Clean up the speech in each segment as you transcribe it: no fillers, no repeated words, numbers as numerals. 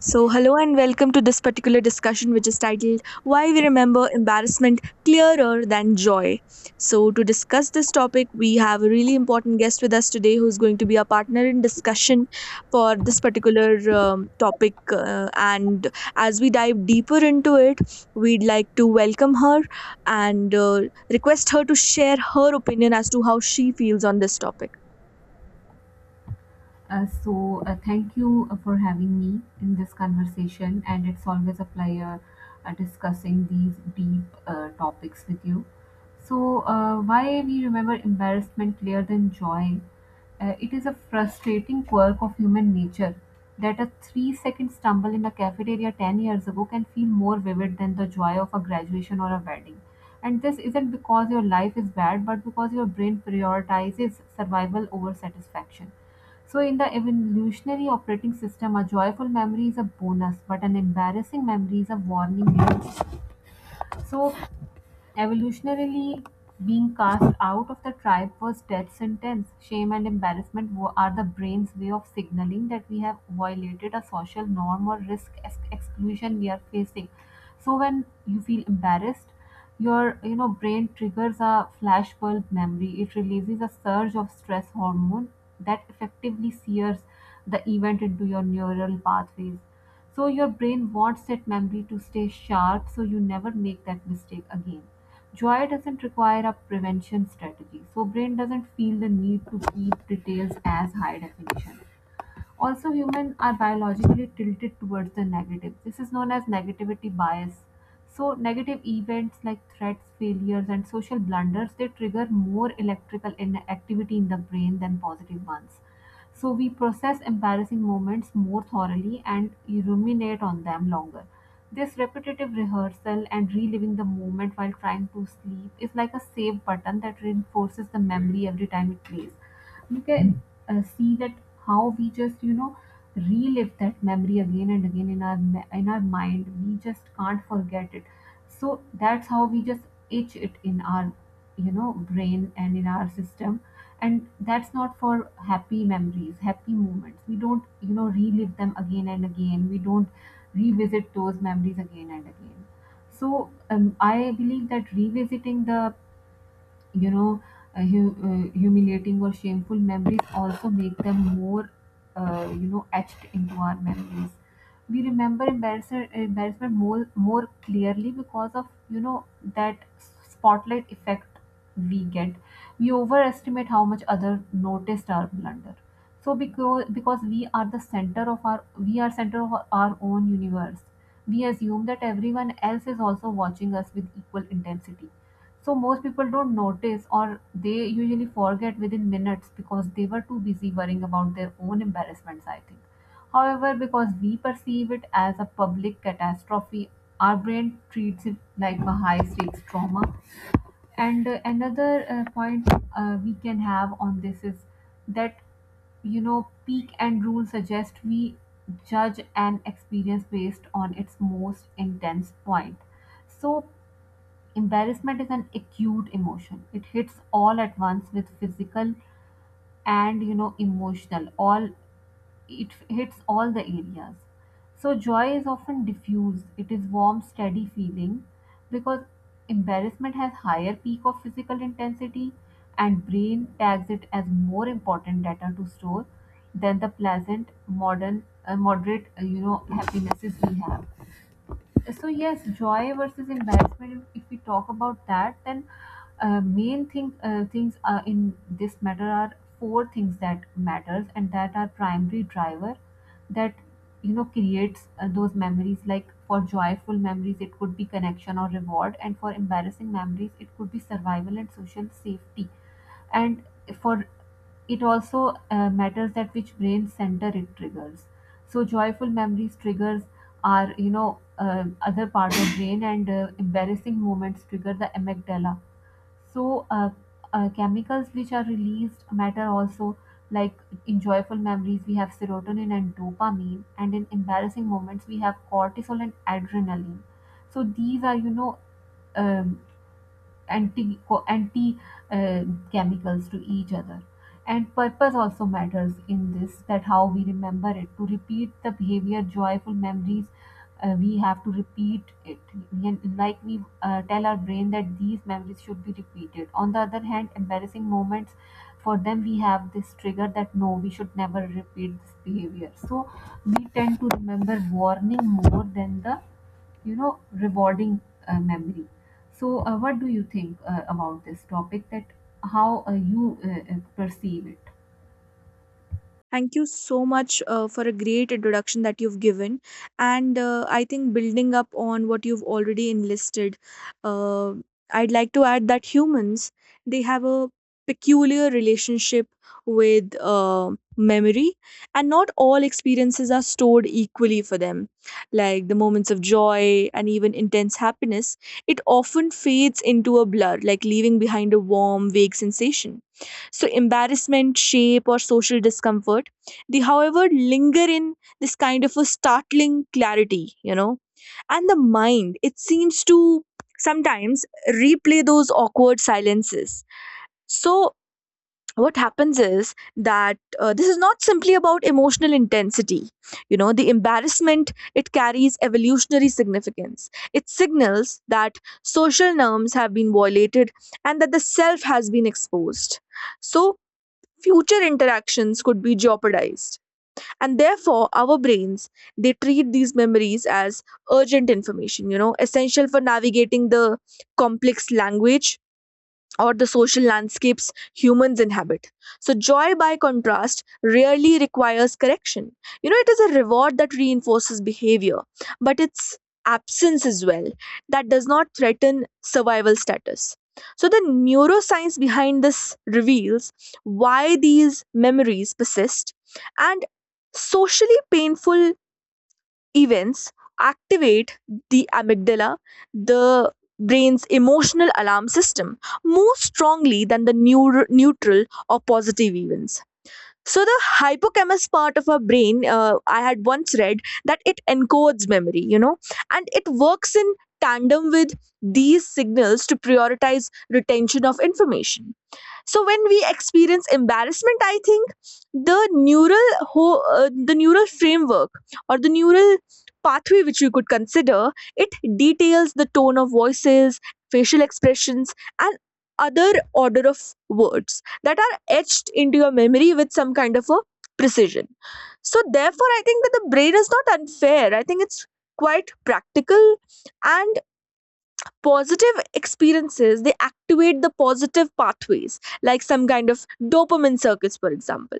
So, hello and welcome to this particular discussion, which is titled Why We Remember Embarrassment Clearer Than Joy. So, to discuss this topic, we have a really important guest with us today who's going to be our partner in discussion for this particular topic. And as we dive deeper into it, we'd like to welcome her and request her to share her opinion as to how she feels on this topic. Thank you for having me in this conversation, and it's always a pleasure discussing these deep topics with you. Why we remember embarrassment clearer than joy? It is a frustrating quirk of human nature that a 3 second stumble in a cafeteria 10 years ago can feel more vivid than the joy of a graduation or a wedding. And this isn't because your life is bad, but because your brain prioritizes survival over satisfaction. So, in the evolutionary operating system, a joyful memory is a bonus, but an embarrassing memory is a warning. So, Evolutionarily, being cast out of the tribe was death sentence. Shame and embarrassment are the brain's way of signaling that we have violated a social norm or risk exclusion we are facing. So when you feel embarrassed, your brain triggers a flashbulb memory. It releases a surge of stress hormone that effectively sears the event into your neural pathways. So your brain wants that memory to stay sharp so you never make that mistake again. Joy doesn't require a prevention strategy. So brain doesn't feel the need to keep details as high definition. Also, humans are biologically tilted towards the negative. This is known as negativity bias. So, negative events like threats, failures, and social blunders they trigger more electrical activity in the brain than positive ones. So, we process embarrassing moments more thoroughly and ruminate on them longer. This repetitive rehearsal and reliving the moment while trying to sleep is like a save button that reinforces the memory every time it plays. You can see that how we just relive that memory again and again in our in our mind, we just can't forget it. So that's how we just itch it in our brain and in our system. And that's not for happy memories. Happy moments, we don't relive them again and again. We don't revisit those memories again and again. So I believe that revisiting the you know humiliating or shameful memories also make them more etched into our memories. We remember embarrassment more clearly because of that spotlight effect we get. We overestimate how much other noticed our blunder. So because we are the center of our, we are center of our own universe. We assume that everyone else is also watching us with equal intensity. So most people don't notice, or they usually forget within minutes because they were too busy worrying about their own embarrassments, I think. However, because we perceive it as a public catastrophe, our brain treats it like a high stakes trauma. And another point we can have on this is that peak and rule suggest we judge an experience based on its most intense point. So, embarrassment is an acute emotion. It hits all at once with physical and emotional. All, it hits all the areas. So joy is often diffused. It is warm, steady feeling because embarrassment has higher peak of physical intensity and brain tags it as more important data to store than the pleasant modern moderate happinesses we have. So yes, joy versus embarrassment, if we talk about that, then main thing things in this matter are four things that matters and that are primary driver that creates those memories. Like for joyful memories it could be connection or reward, and for embarrassing memories it could be survival and social safety. And for, it also matters that which brain center it triggers. So joyful memories triggers are other part of brain, and embarrassing moments trigger the amygdala. So chemicals which are released matter also, like in joyful memories we have serotonin and dopamine, and in embarrassing moments we have cortisol and adrenaline. So these are um, anti uh, chemicals to each other. And purpose also matters in this, that how we remember it to repeat the behavior. Joyful memories, we have to repeat it. Like we tell our brain that these memories should be repeated. On the other hand, embarrassing moments, for them we have this trigger that no, we should never repeat this behavior. So we tend to remember warning more than the rewarding memory. So, what do you think about this topic? That how you perceive it? Thank you so much for a great introduction that you've given. And I think building up on what you've already enlisted, uh, I'd like to add that humans, they have a peculiar relationship with memory, and not all experiences are stored equally for them. Like the moments of joy and even intense happiness, it often fades into a blur, like leaving behind a warm, vague sensation. So embarrassment shape or social discomfort, they however linger in this kind of a startling clarity. You know and the mind, it seems to sometimes replay those awkward silences. So what happens is that this is not simply about emotional intensity. You know the embarrassment, it carries evolutionary significance. It signals that social norms have been violated and that the self has been exposed, so future interactions could be jeopardized. And therefore our brains, they treat these memories as urgent information, you know essential for navigating the complex language or the social landscapes humans inhabit. So, joy, by contrast, rarely requires correction. You know, it is a reward that reinforces behavior, but its absence as well, that does not threaten survival status. So, the neuroscience behind this reveals why these memories persist, and socially painful events activate the amygdala, the brain's emotional alarm system, more strongly than the neutral or positive events. So the hippocampus part of our brain, I had once read that it encodes memory, you know, and it works in tandem with these signals to prioritize retention of information. So when we experience embarrassment, I think the the neural framework or the neural pathway, which you could consider it, details the tone of voices, facial expressions, and other order of words that are etched into your memory with some kind of a precision. So, therefore, I think that the brain is not unfair. I think it's quite practical, and positive experiences, they activate the positive pathways, like some kind of dopamine circuits for example.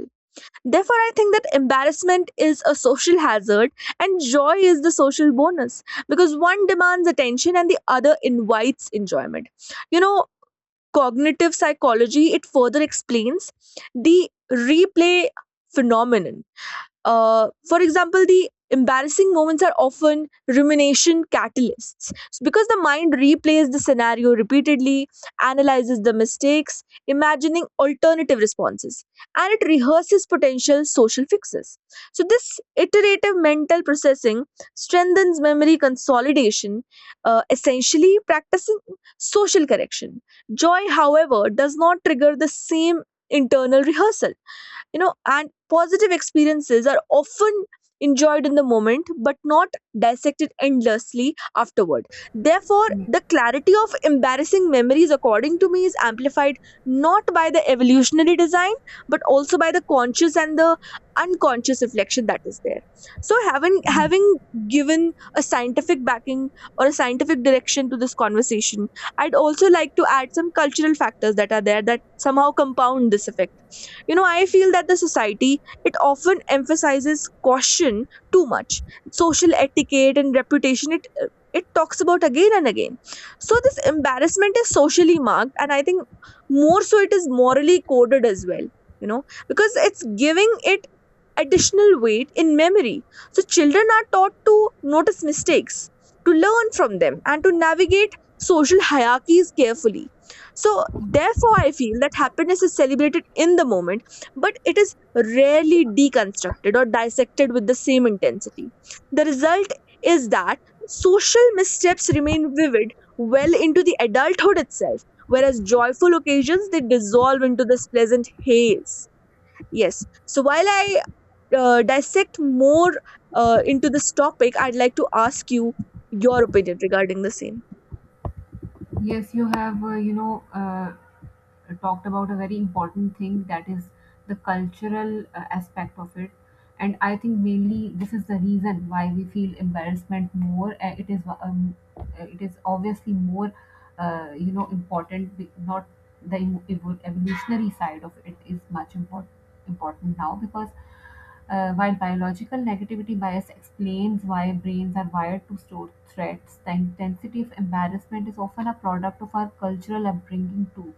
Therefore I think that embarrassment is a social hazard and joy is the social bonus, because one demands attention and the other invites enjoyment. You know cognitive psychology, it further explains the replay phenomenon. For example, the embarrassing moments are often rumination catalysts, So because the mind replays the scenario repeatedly, analyzes the mistakes, imagining alternative responses, and it rehearses potential social fixes. So, this iterative mental processing strengthens memory consolidation, essentially practicing social correction. Joy, however, does not trigger the same internal rehearsal, you know and positive experiences are often enjoyed in the moment but not dissected endlessly afterward. Therefore the clarity of embarrassing memories, according to me, is amplified not by the evolutionary design but also by the conscious and the unconscious reflection that is there. So having Yeah. having given a scientific backing or a scientific direction to this conversation, I'd also like to add some cultural factors that are there that somehow compound this effect. You know, I feel that the society, it often emphasizes caution too much. Social etiquette and reputation, it talks about again and again. So this embarrassment is socially marked, and I think more so it is morally coded as well, you know, because it's giving it additional weight in memory. So children are taught to notice mistakes, to learn from them and to navigate social hierarchies carefully. So, therefore, I feel that happiness is celebrated in the moment but it is rarely deconstructed or dissected with the same intensity. The result is that social missteps remain vivid well into the adulthood itself, whereas joyful occasions, they dissolve into this pleasant haze. Yes, so while I dissect more into this topic, I'd like to ask you your opinion regarding the same. Yes, you have, talked about a very important thing, that is the cultural aspect of it. And I think mainly this is the reason why we feel embarrassment more. It is it is obviously more important. Not the evolutionary side of it is much important now, because while biological negativity bias explains why brains are wired to store threats, the intensity of embarrassment is often a product of our cultural upbringing too.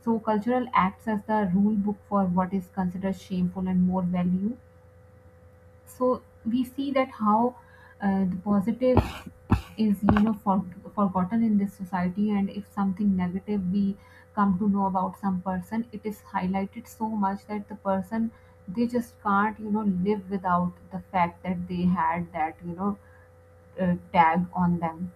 So cultural acts as the rule book for what is considered shameful and more value. So we see that how the positive is for, forgotten in this society, and if something negative we come to know about some person, it is highlighted so much that the person, they just can't live without the fact that they had that tag on them.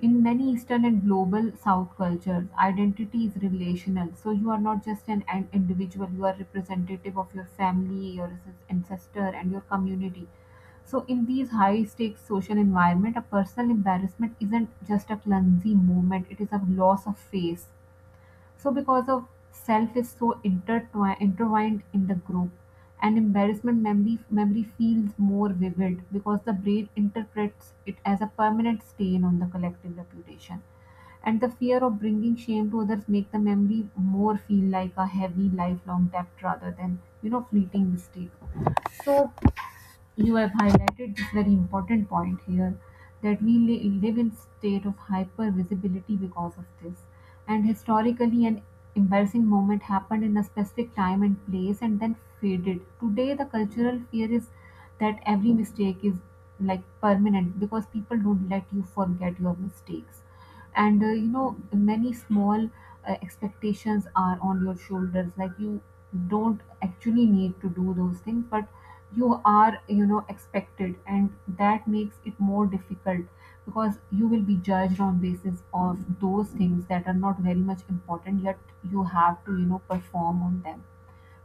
In many Eastern and global South cultures, identity is relational. So you are not just an individual, you are representative of your family, your ancestor, and your community. So in these high stakes social environment, a personal embarrassment isn't just a clumsy moment, it is a loss of face. So because of self is so intertwined in the group, an embarrassment memory feels more vivid because the brain interprets it as a permanent stain on the collective reputation. And the fear of bringing shame to others make the memory more feel like a heavy lifelong debt rather than fleeting mistake. So you have highlighted this very important point here, that we live in state of hyper visibility because of this. And historically, an embarrassing moment happened in a specific time and place and then faded. Today the cultural fear is that every mistake is like permanent, because people don't let you forget your mistakes. And many small expectations are on your shoulders, like you don't actually need to do those things, but you are expected, and that makes it more difficult, because you will be judged on basis of those things that are not very much important, yet you have to perform on them.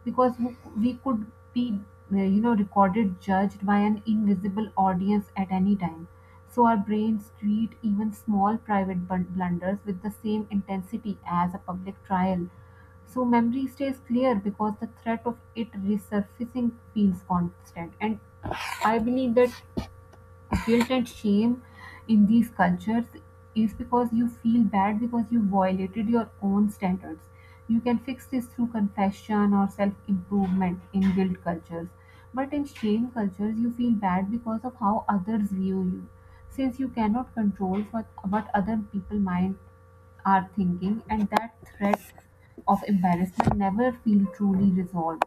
Because we could be recorded, judged by an invisible audience at any time. So our brains treat even small private blunders with the same intensity as a public trial. So memory stays clear because the threat of it resurfacing feels constant. And I believe that guilt and shame in these cultures is because you feel bad because you violated your own standards. You can fix this through confession or self improvement in guilt cultures. But in shame cultures, you feel bad because of how others view you. Since you cannot control what other people might are thinking, and that threat of embarrassment never feel truly resolved.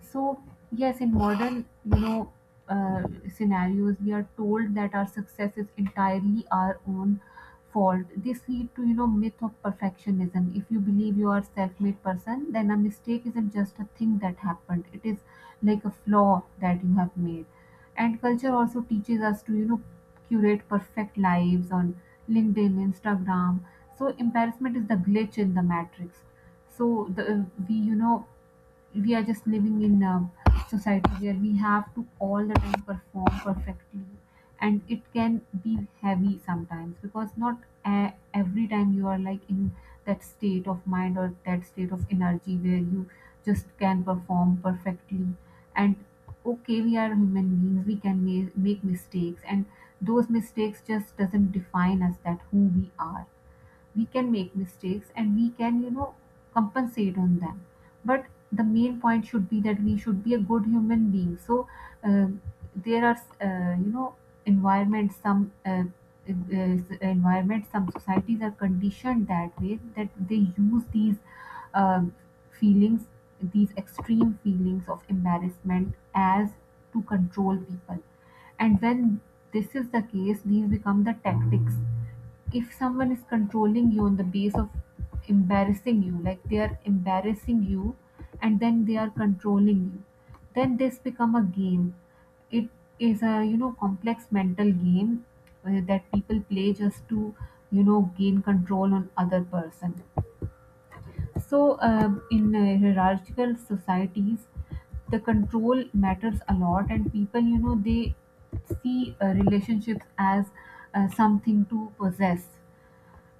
So, yes, in modern, uh, scenarios, we are told that our success is entirely our own fault. This lead to, myth of perfectionism. If you believe you are self-made person, then a mistake isn't just a thing that happened. It is like a flaw that you have made. And culture also teaches us to, curate perfect lives on LinkedIn, Instagram. So embarrassment is the glitch in the matrix. So the we, you know, we are just living in a society where we have to all the time perform perfectly, and it can be heavy sometimes because not a- every time you are like in that state of mind or that state of energy where you just can perform perfectly. And okay, we are human beings, we can make mistakes, and those mistakes just doesn't define us that who we are. We can make mistakes and we can, compensate on them. But the main point should be that we should be a good human being. So um there are uh, you know environments, some uh, environment some societies are conditioned that way, that they use these um feelings, these extreme feelings of embarrassment as to control people. And when this is the case, these become the tactics. If someone is controlling you on the base of embarrassing you, like they are embarrassing you and then they are controlling you, then this become a game. It is a, complex mental game that people play just to, gain control on other person. So in hierarchical societies, the control matters a lot, and people, you know, they see relationships as something to possess.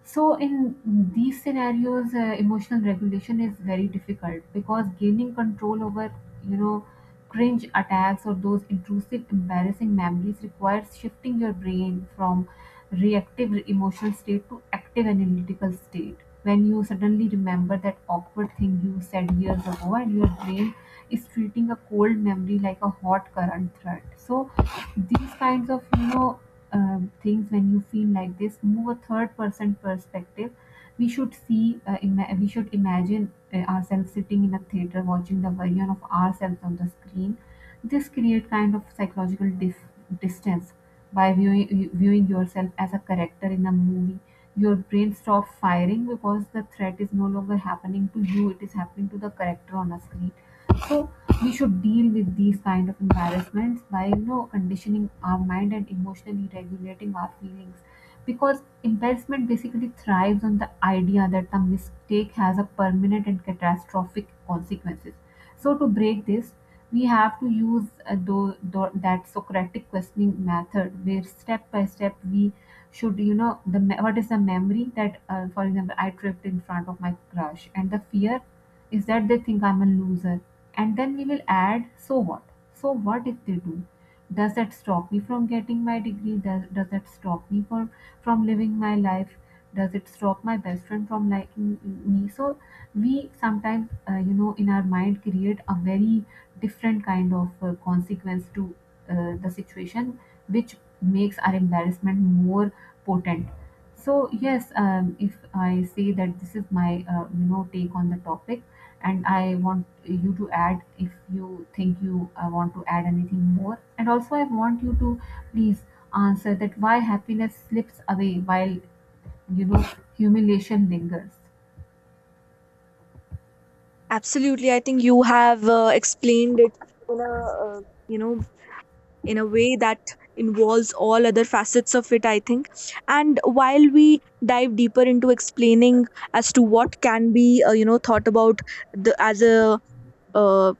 So in these scenarios, emotional regulation is very difficult because gaining control over, you know, cringe attacks or those intrusive, embarrassing memories requires shifting your brain from reactive emotional state to active analytical state. When you suddenly remember that awkward thing you said years ago, and your brain is treating a cold memory like a hot current threat. So these kinds of, you know, things, when you feel like this, move a third person perspective. We should see, we should imagine ourselves sitting in a theater watching the version of ourselves on the screen. This create kind of psychological distance. By viewing yourself as a character in a movie, your brain stops firing because the threat is no longer happening to you, it is happening to the character on a screen. So we should deal with these kind of embarrassments by, you know, conditioning our mind and emotionally regulating our feelings, because embarrassment basically thrives on the idea that the mistake has a permanent and catastrophic consequences. So to break this, we have to use that Socratic questioning method, where step by step we should, you know, what is the memory that, for example, I tripped in front of my crush, and the fear is that they think I'm a loser. And then we will add, so what? So what if they do? Does that stop me from getting my degree? Does that stop me from living my life? Does it stop my best friend from liking me? So we sometimes, you know, in our mind create a very different kind of consequence to the situation, which makes our embarrassment more potent. So yes, if I say that this is my, you know, take on the topic, and I want you to add if you think you want to add anything more, and also I want you to please answer that why happiness slips away while, you know humiliation lingers. Absolutely, I think you have explained it in a you know in a way that involves all other facets of it, I think. And while we dive deeper into explaining as to what can be you know thought about the as a uh,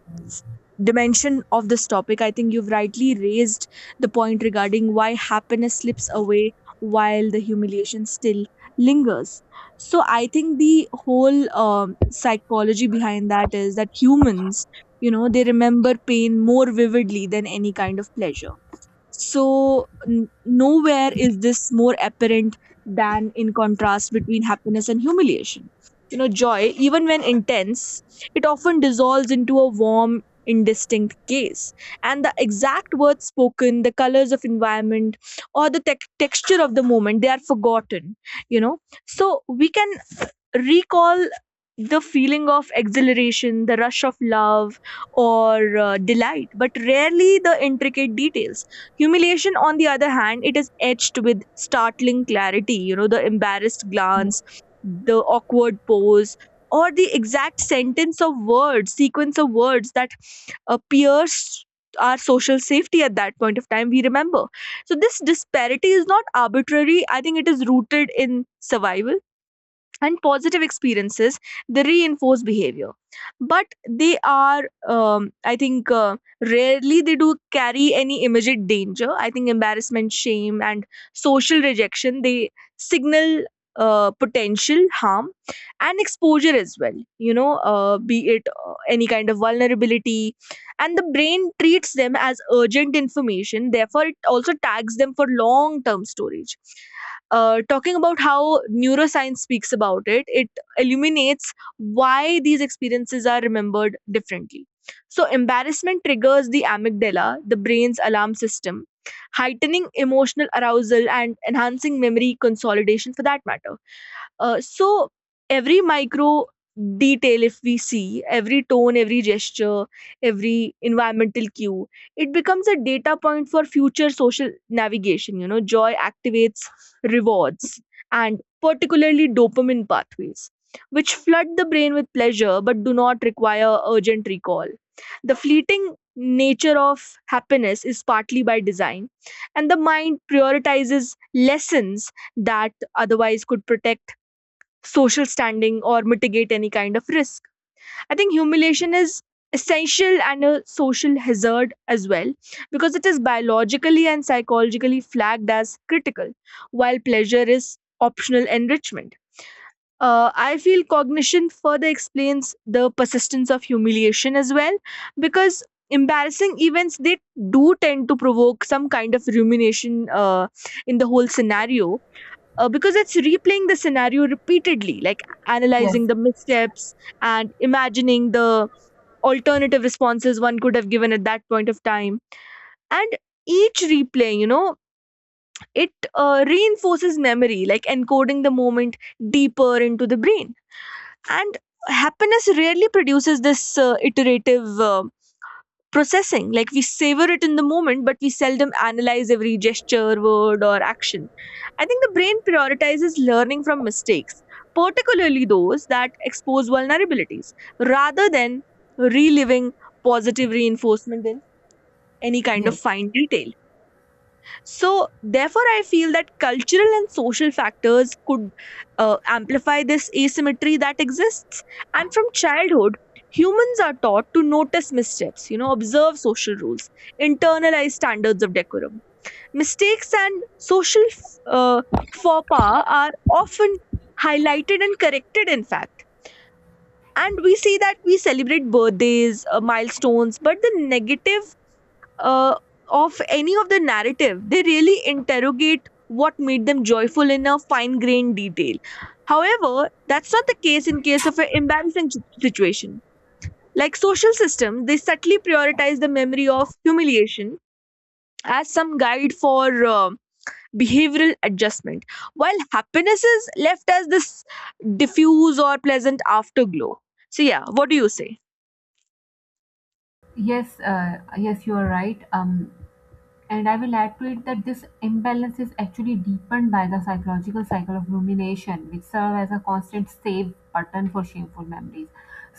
dimension of this topic, I think you've rightly raised the point regarding why happiness slips away while the humiliation still lingers. So I think the whole psychology behind that is that humans, you know they remember pain more vividly than any kind of pleasure. So, nowhere is this more apparent than in contrast between happiness and humiliation. You know, joy, even when intense, it often dissolves into a warm, indistinct gaze. And the exact words spoken, the colors of environment, or the tec texture of the moment, they are forgotten. You know, so we can recall the feeling of exhilaration, the rush of love, or delight, but rarely the intricate details. Humiliation, on the other hand, it is etched with startling clarity. You know, the embarrassed Yes, glance, the awkward pose, or the exact sentence of words, sequence of words that pierce our social safety at that point of time, we remember. So, this disparity is not arbitrary. I think it is rooted in survival, and positive experiences, they reinforce behavior, but they are I think rarely, they do carry any immediate danger. I think embarrassment, shame and social rejection, they signal potential harm and exposure as well, you know be it any kind of vulnerability. And the brain treats them as urgent information, therefore it also tags them for long term storage. Talking about how neuroscience speaks about it, it illuminates why these experiences are remembered differently. So, embarrassment triggers the amygdala, the brain's alarm system, heightening emotional arousal and enhancing memory consolidation for that matter. So, every micro detail, if we see, every tone, every gesture, every environmental cue, it becomes a data point for future social navigation. You know, joy activates rewards, and particularly dopamine pathways, which flood the brain with pleasure but do not require urgent recall. The fleeting nature of happiness is partly by design, and the mind prioritizes lessons that otherwise could protect social standing or mitigate any kind of risk. I think humiliation is essential and a social hazard as well because it is biologically and psychologically flagged as critical, while pleasure is optional enrichment. I feel cognition further explains the persistence of humiliation as well, because embarrassing events, they do tend to provoke some kind of rumination in the whole scenario, because it's replaying the scenario repeatedly, like yes, analyzing the missteps and imagining the alternative responses one could have given at that point of time. And each replay, you know, it reinforces memory, like encoding the moment deeper into the brain. And happiness rarely produces this iterative processing. Like we savor it in the moment, but we seldom analyze every gesture, word, or action. I think the brain prioritizes learning from mistakes, particularly those that expose vulnerabilities, rather than reliving positive reinforcement in any kind of yes, fine detail. So, therefore, I feel that cultural and social factors could amplify this asymmetry that exists. And from childhood, humans are taught to notice missteps, you know, observe social rules, internalize standards of decorum. Mistakes and social uh, faux pas are often highlighted and corrected, in fact. And we see that we celebrate birthdays, milestones, but the negative uh, of any of the narrative. They really interrogate what made them joyful in a fine grained detail. However, that's not the case in case of an embarrassing situation. Like social systems, they subtly prioritize the memory of humiliation as some guide for behavioral adjustment, while happiness is left as this diffuse or pleasant afterglow. So, yeah, what do you say? yes. Yes, you are right. And I will add to it that this imbalance is actually deepened by the psychological cycle of rumination, which serves as a constant save button for shameful memories.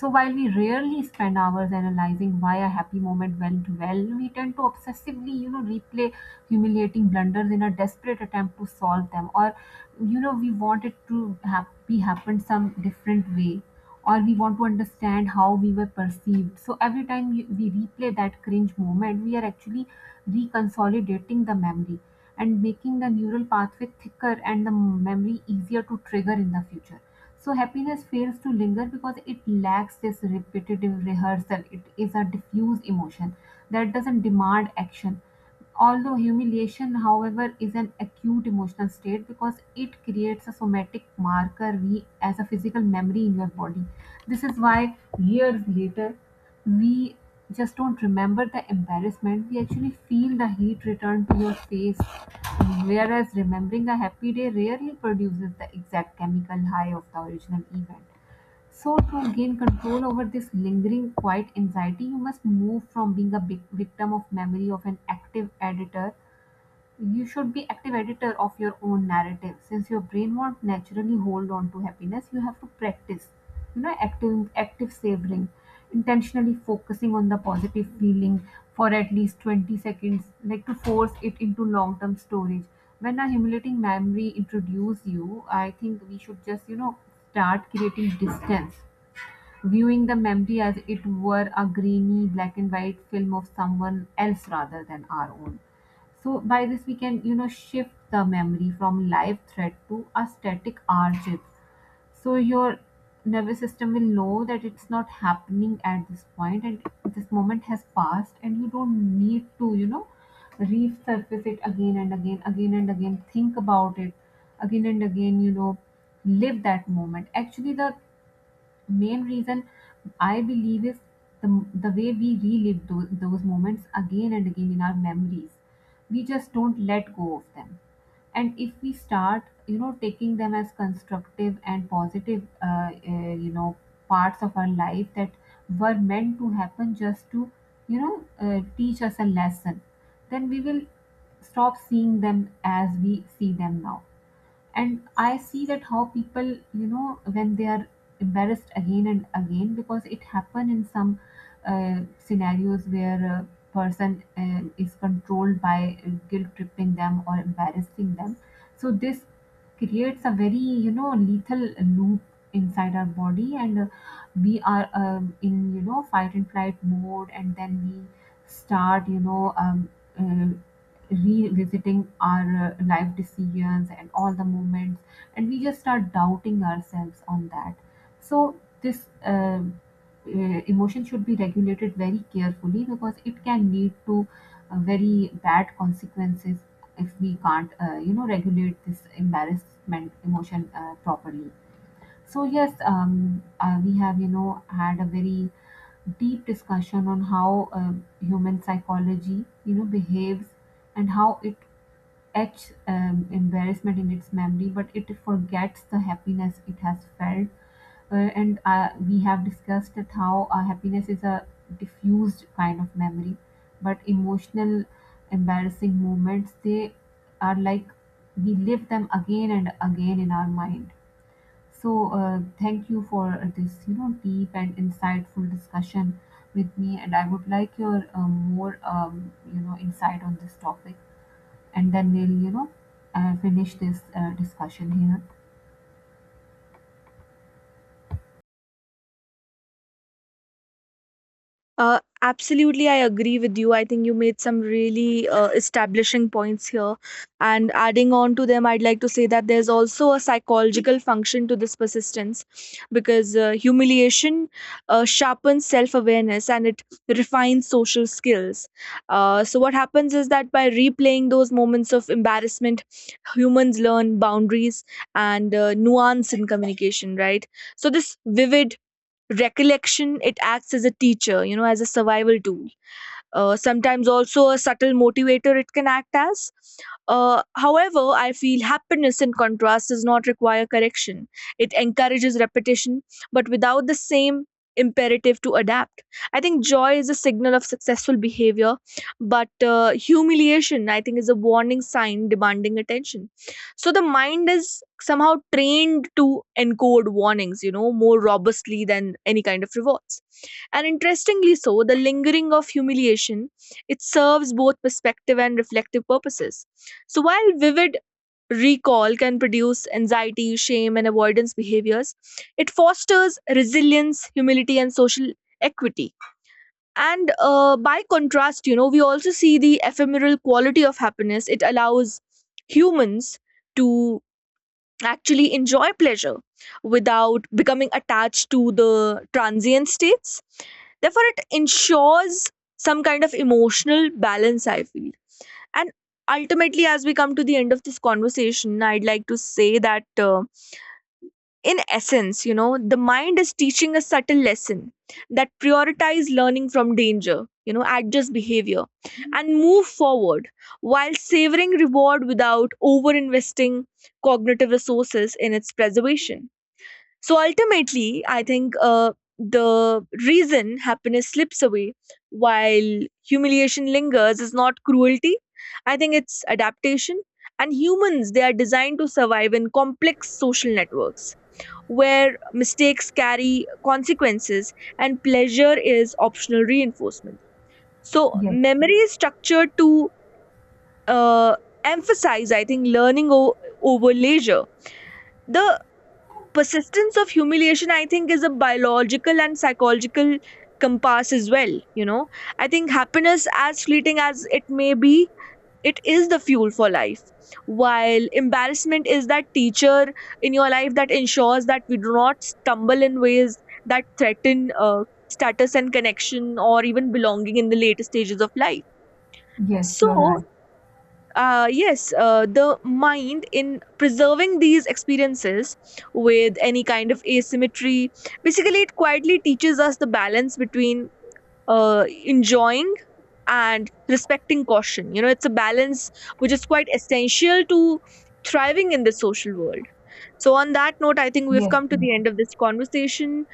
So while we rarely spend hours analyzing why a happy moment went well, we tend to obsessively, you know, replay humiliating blunders in a desperate attempt to solve them, or, you know, we want it to be happen some different way, or we want to understand how we were perceived. So every time we replay that cringe moment, we are actually reconsolidating the memory, and making the neural pathway thicker and the memory easier to trigger in the future. So happiness fails to linger because it lacks this repetitive rehearsal. It is a diffuse emotion that doesn't demand action. Although humiliation, however, is an acute emotional state because it creates a somatic marker we as a physical memory in your body. This is why years later we just don't remember the embarrassment, we actually feel the heat return to your face, whereas remembering a happy day rarely produces the exact chemical high of the original event. So to gain control over this lingering quiet anxiety, you must move from being a big victim of memory of an active editor. You should be active editor of your own narrative. Since your brain won't naturally hold on to happiness, you have to practice. You know, active savoring, intentionally focusing on the positive feeling for at least 20 seconds, like to force it into long-term storage. When a humiliating memory introduces you, I think we should just, you know, start creating distance, viewing the memory as it were a grainy black and white film of someone else rather than our own. So by this we can, you know, shift the memory from live threat to a static r chip. So your nervous system will know that it's not happening at this point, and this moment has passed, and you don't need to, you know, resurface it again and again, think about it again and again, you know, live that moment. Actually, the main reason I believe is the way we relive those moments again and again in our memories. We just don't let go of them. And if we start, you know, taking them as constructive and positive, you know, parts of our life that were meant to happen just to, you know, teach us a lesson, then we will stop seeing them as we see them now. And I see that how people, you know, when they are embarrassed again and again, because it happen in some scenarios where a person is controlled by guilt tripping them or embarrassing them. So this creates a very, you know, lethal loop inside our body. And we are, in, you know, fight and flight mode, and then we start, you know, uh, revisiting our life decisions and all the moments, and we just start doubting ourselves on that. So this emotion should be regulated very carefully because it can lead to very bad consequences if we can't, you know, regulate this embarrassment emotion properly. So yes, we have, you know, had a very deep discussion on how, human psychology, you know, behaves, and how it etches, embarrassment in its memory, but it forgets the happiness it has felt. And we have discussed that how happiness is a diffused kind of memory, but emotional embarrassing moments, they are like we live them again and again in our mind. So thank you for this, you know, deep and insightful discussion with me, and I would like your more, you know, insight on this topic, and then we'll, you know, finish this discussion here. Absolutely, I agree with you. I think you made some really establishing points here. And adding on to them, I'd like to say that there's also a psychological function to this persistence, because humiliation sharpens self awareness and it refines social skills. So, what happens is that by replaying those moments of embarrassment, humans learn boundaries and nuance in communication, right? So, this vivid recollection, it acts as a teacher, you know as a survival tool, sometimes also a subtle motivator it can act as. However, I feel happiness in contrast does not require correction. It encourages repetition, but without the same imperative to adapt. I think joy is a signal of successful behavior, but humiliation, I think, is a warning sign demanding attention. So the mind is somehow trained to encode warnings, you know, more robustly than any kind of rewards. And interestingly so, the lingering of humiliation, it serves both perspective and reflective purposes. So while vivid recall can produce anxiety, shame, and avoidance behaviors, it fosters resilience, humility, and social equity. And by contrast, you know, we also see the ephemeral quality of happiness. It allows humans to actually enjoy pleasure without becoming attached to the transient states. Therefore, it ensures some kind of emotional balance, I feel. And ultimately, as we come to the end of this conversation, I'd like to say that. In essence, you know, the mind is teaching a subtle lesson, that prioritize learning from danger, you know, adjust behavior and move forward while savoring reward without over investing cognitive resources in its preservation. So ultimately, I think the reason happiness slips away while humiliation lingers is not cruelty. I think it's adaptation. And humans, they are designed to survive in complex social networks where mistakes carry consequences and pleasure is optional reinforcement. So, Yes, memory is structured to uh, emphasize, I think, learning over leisure. The persistence of humiliation, I think, is a biological and psychological compass as well. You know, I think happiness, as fleeting as it may be, it is the fuel for life, while embarrassment is that teacher in your life that ensures that we do not stumble in ways that threaten status and connection or even belonging in the later stages of life. yes, So you're right. yes. Yes, the mind, in preserving these experiences with any kind of asymmetry, basically it quietly teaches us the balance between enjoying and respecting caution. You know, it's a balance which is quite essential to thriving in the social world. So, on that note, I think we've Yes, come to yes, the end of this conversation.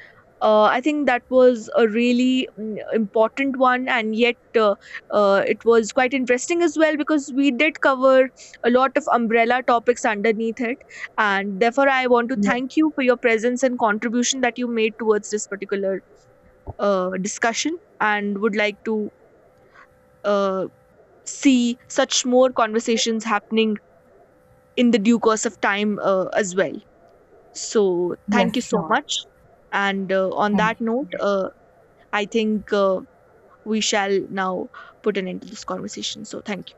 I think that was a really important one, and yet it was quite interesting as well because we did cover a lot of umbrella topics underneath it. And therefore, I want to yes, thank you for your presence and contribution that you made towards this particular discussion, and would like to uh, see such more conversations happening in the due course of time as well. So, thank yes, you so sure. much. And on Thank that you. note, Yeah. I think we shall now put an end to this conversation. So, thank you.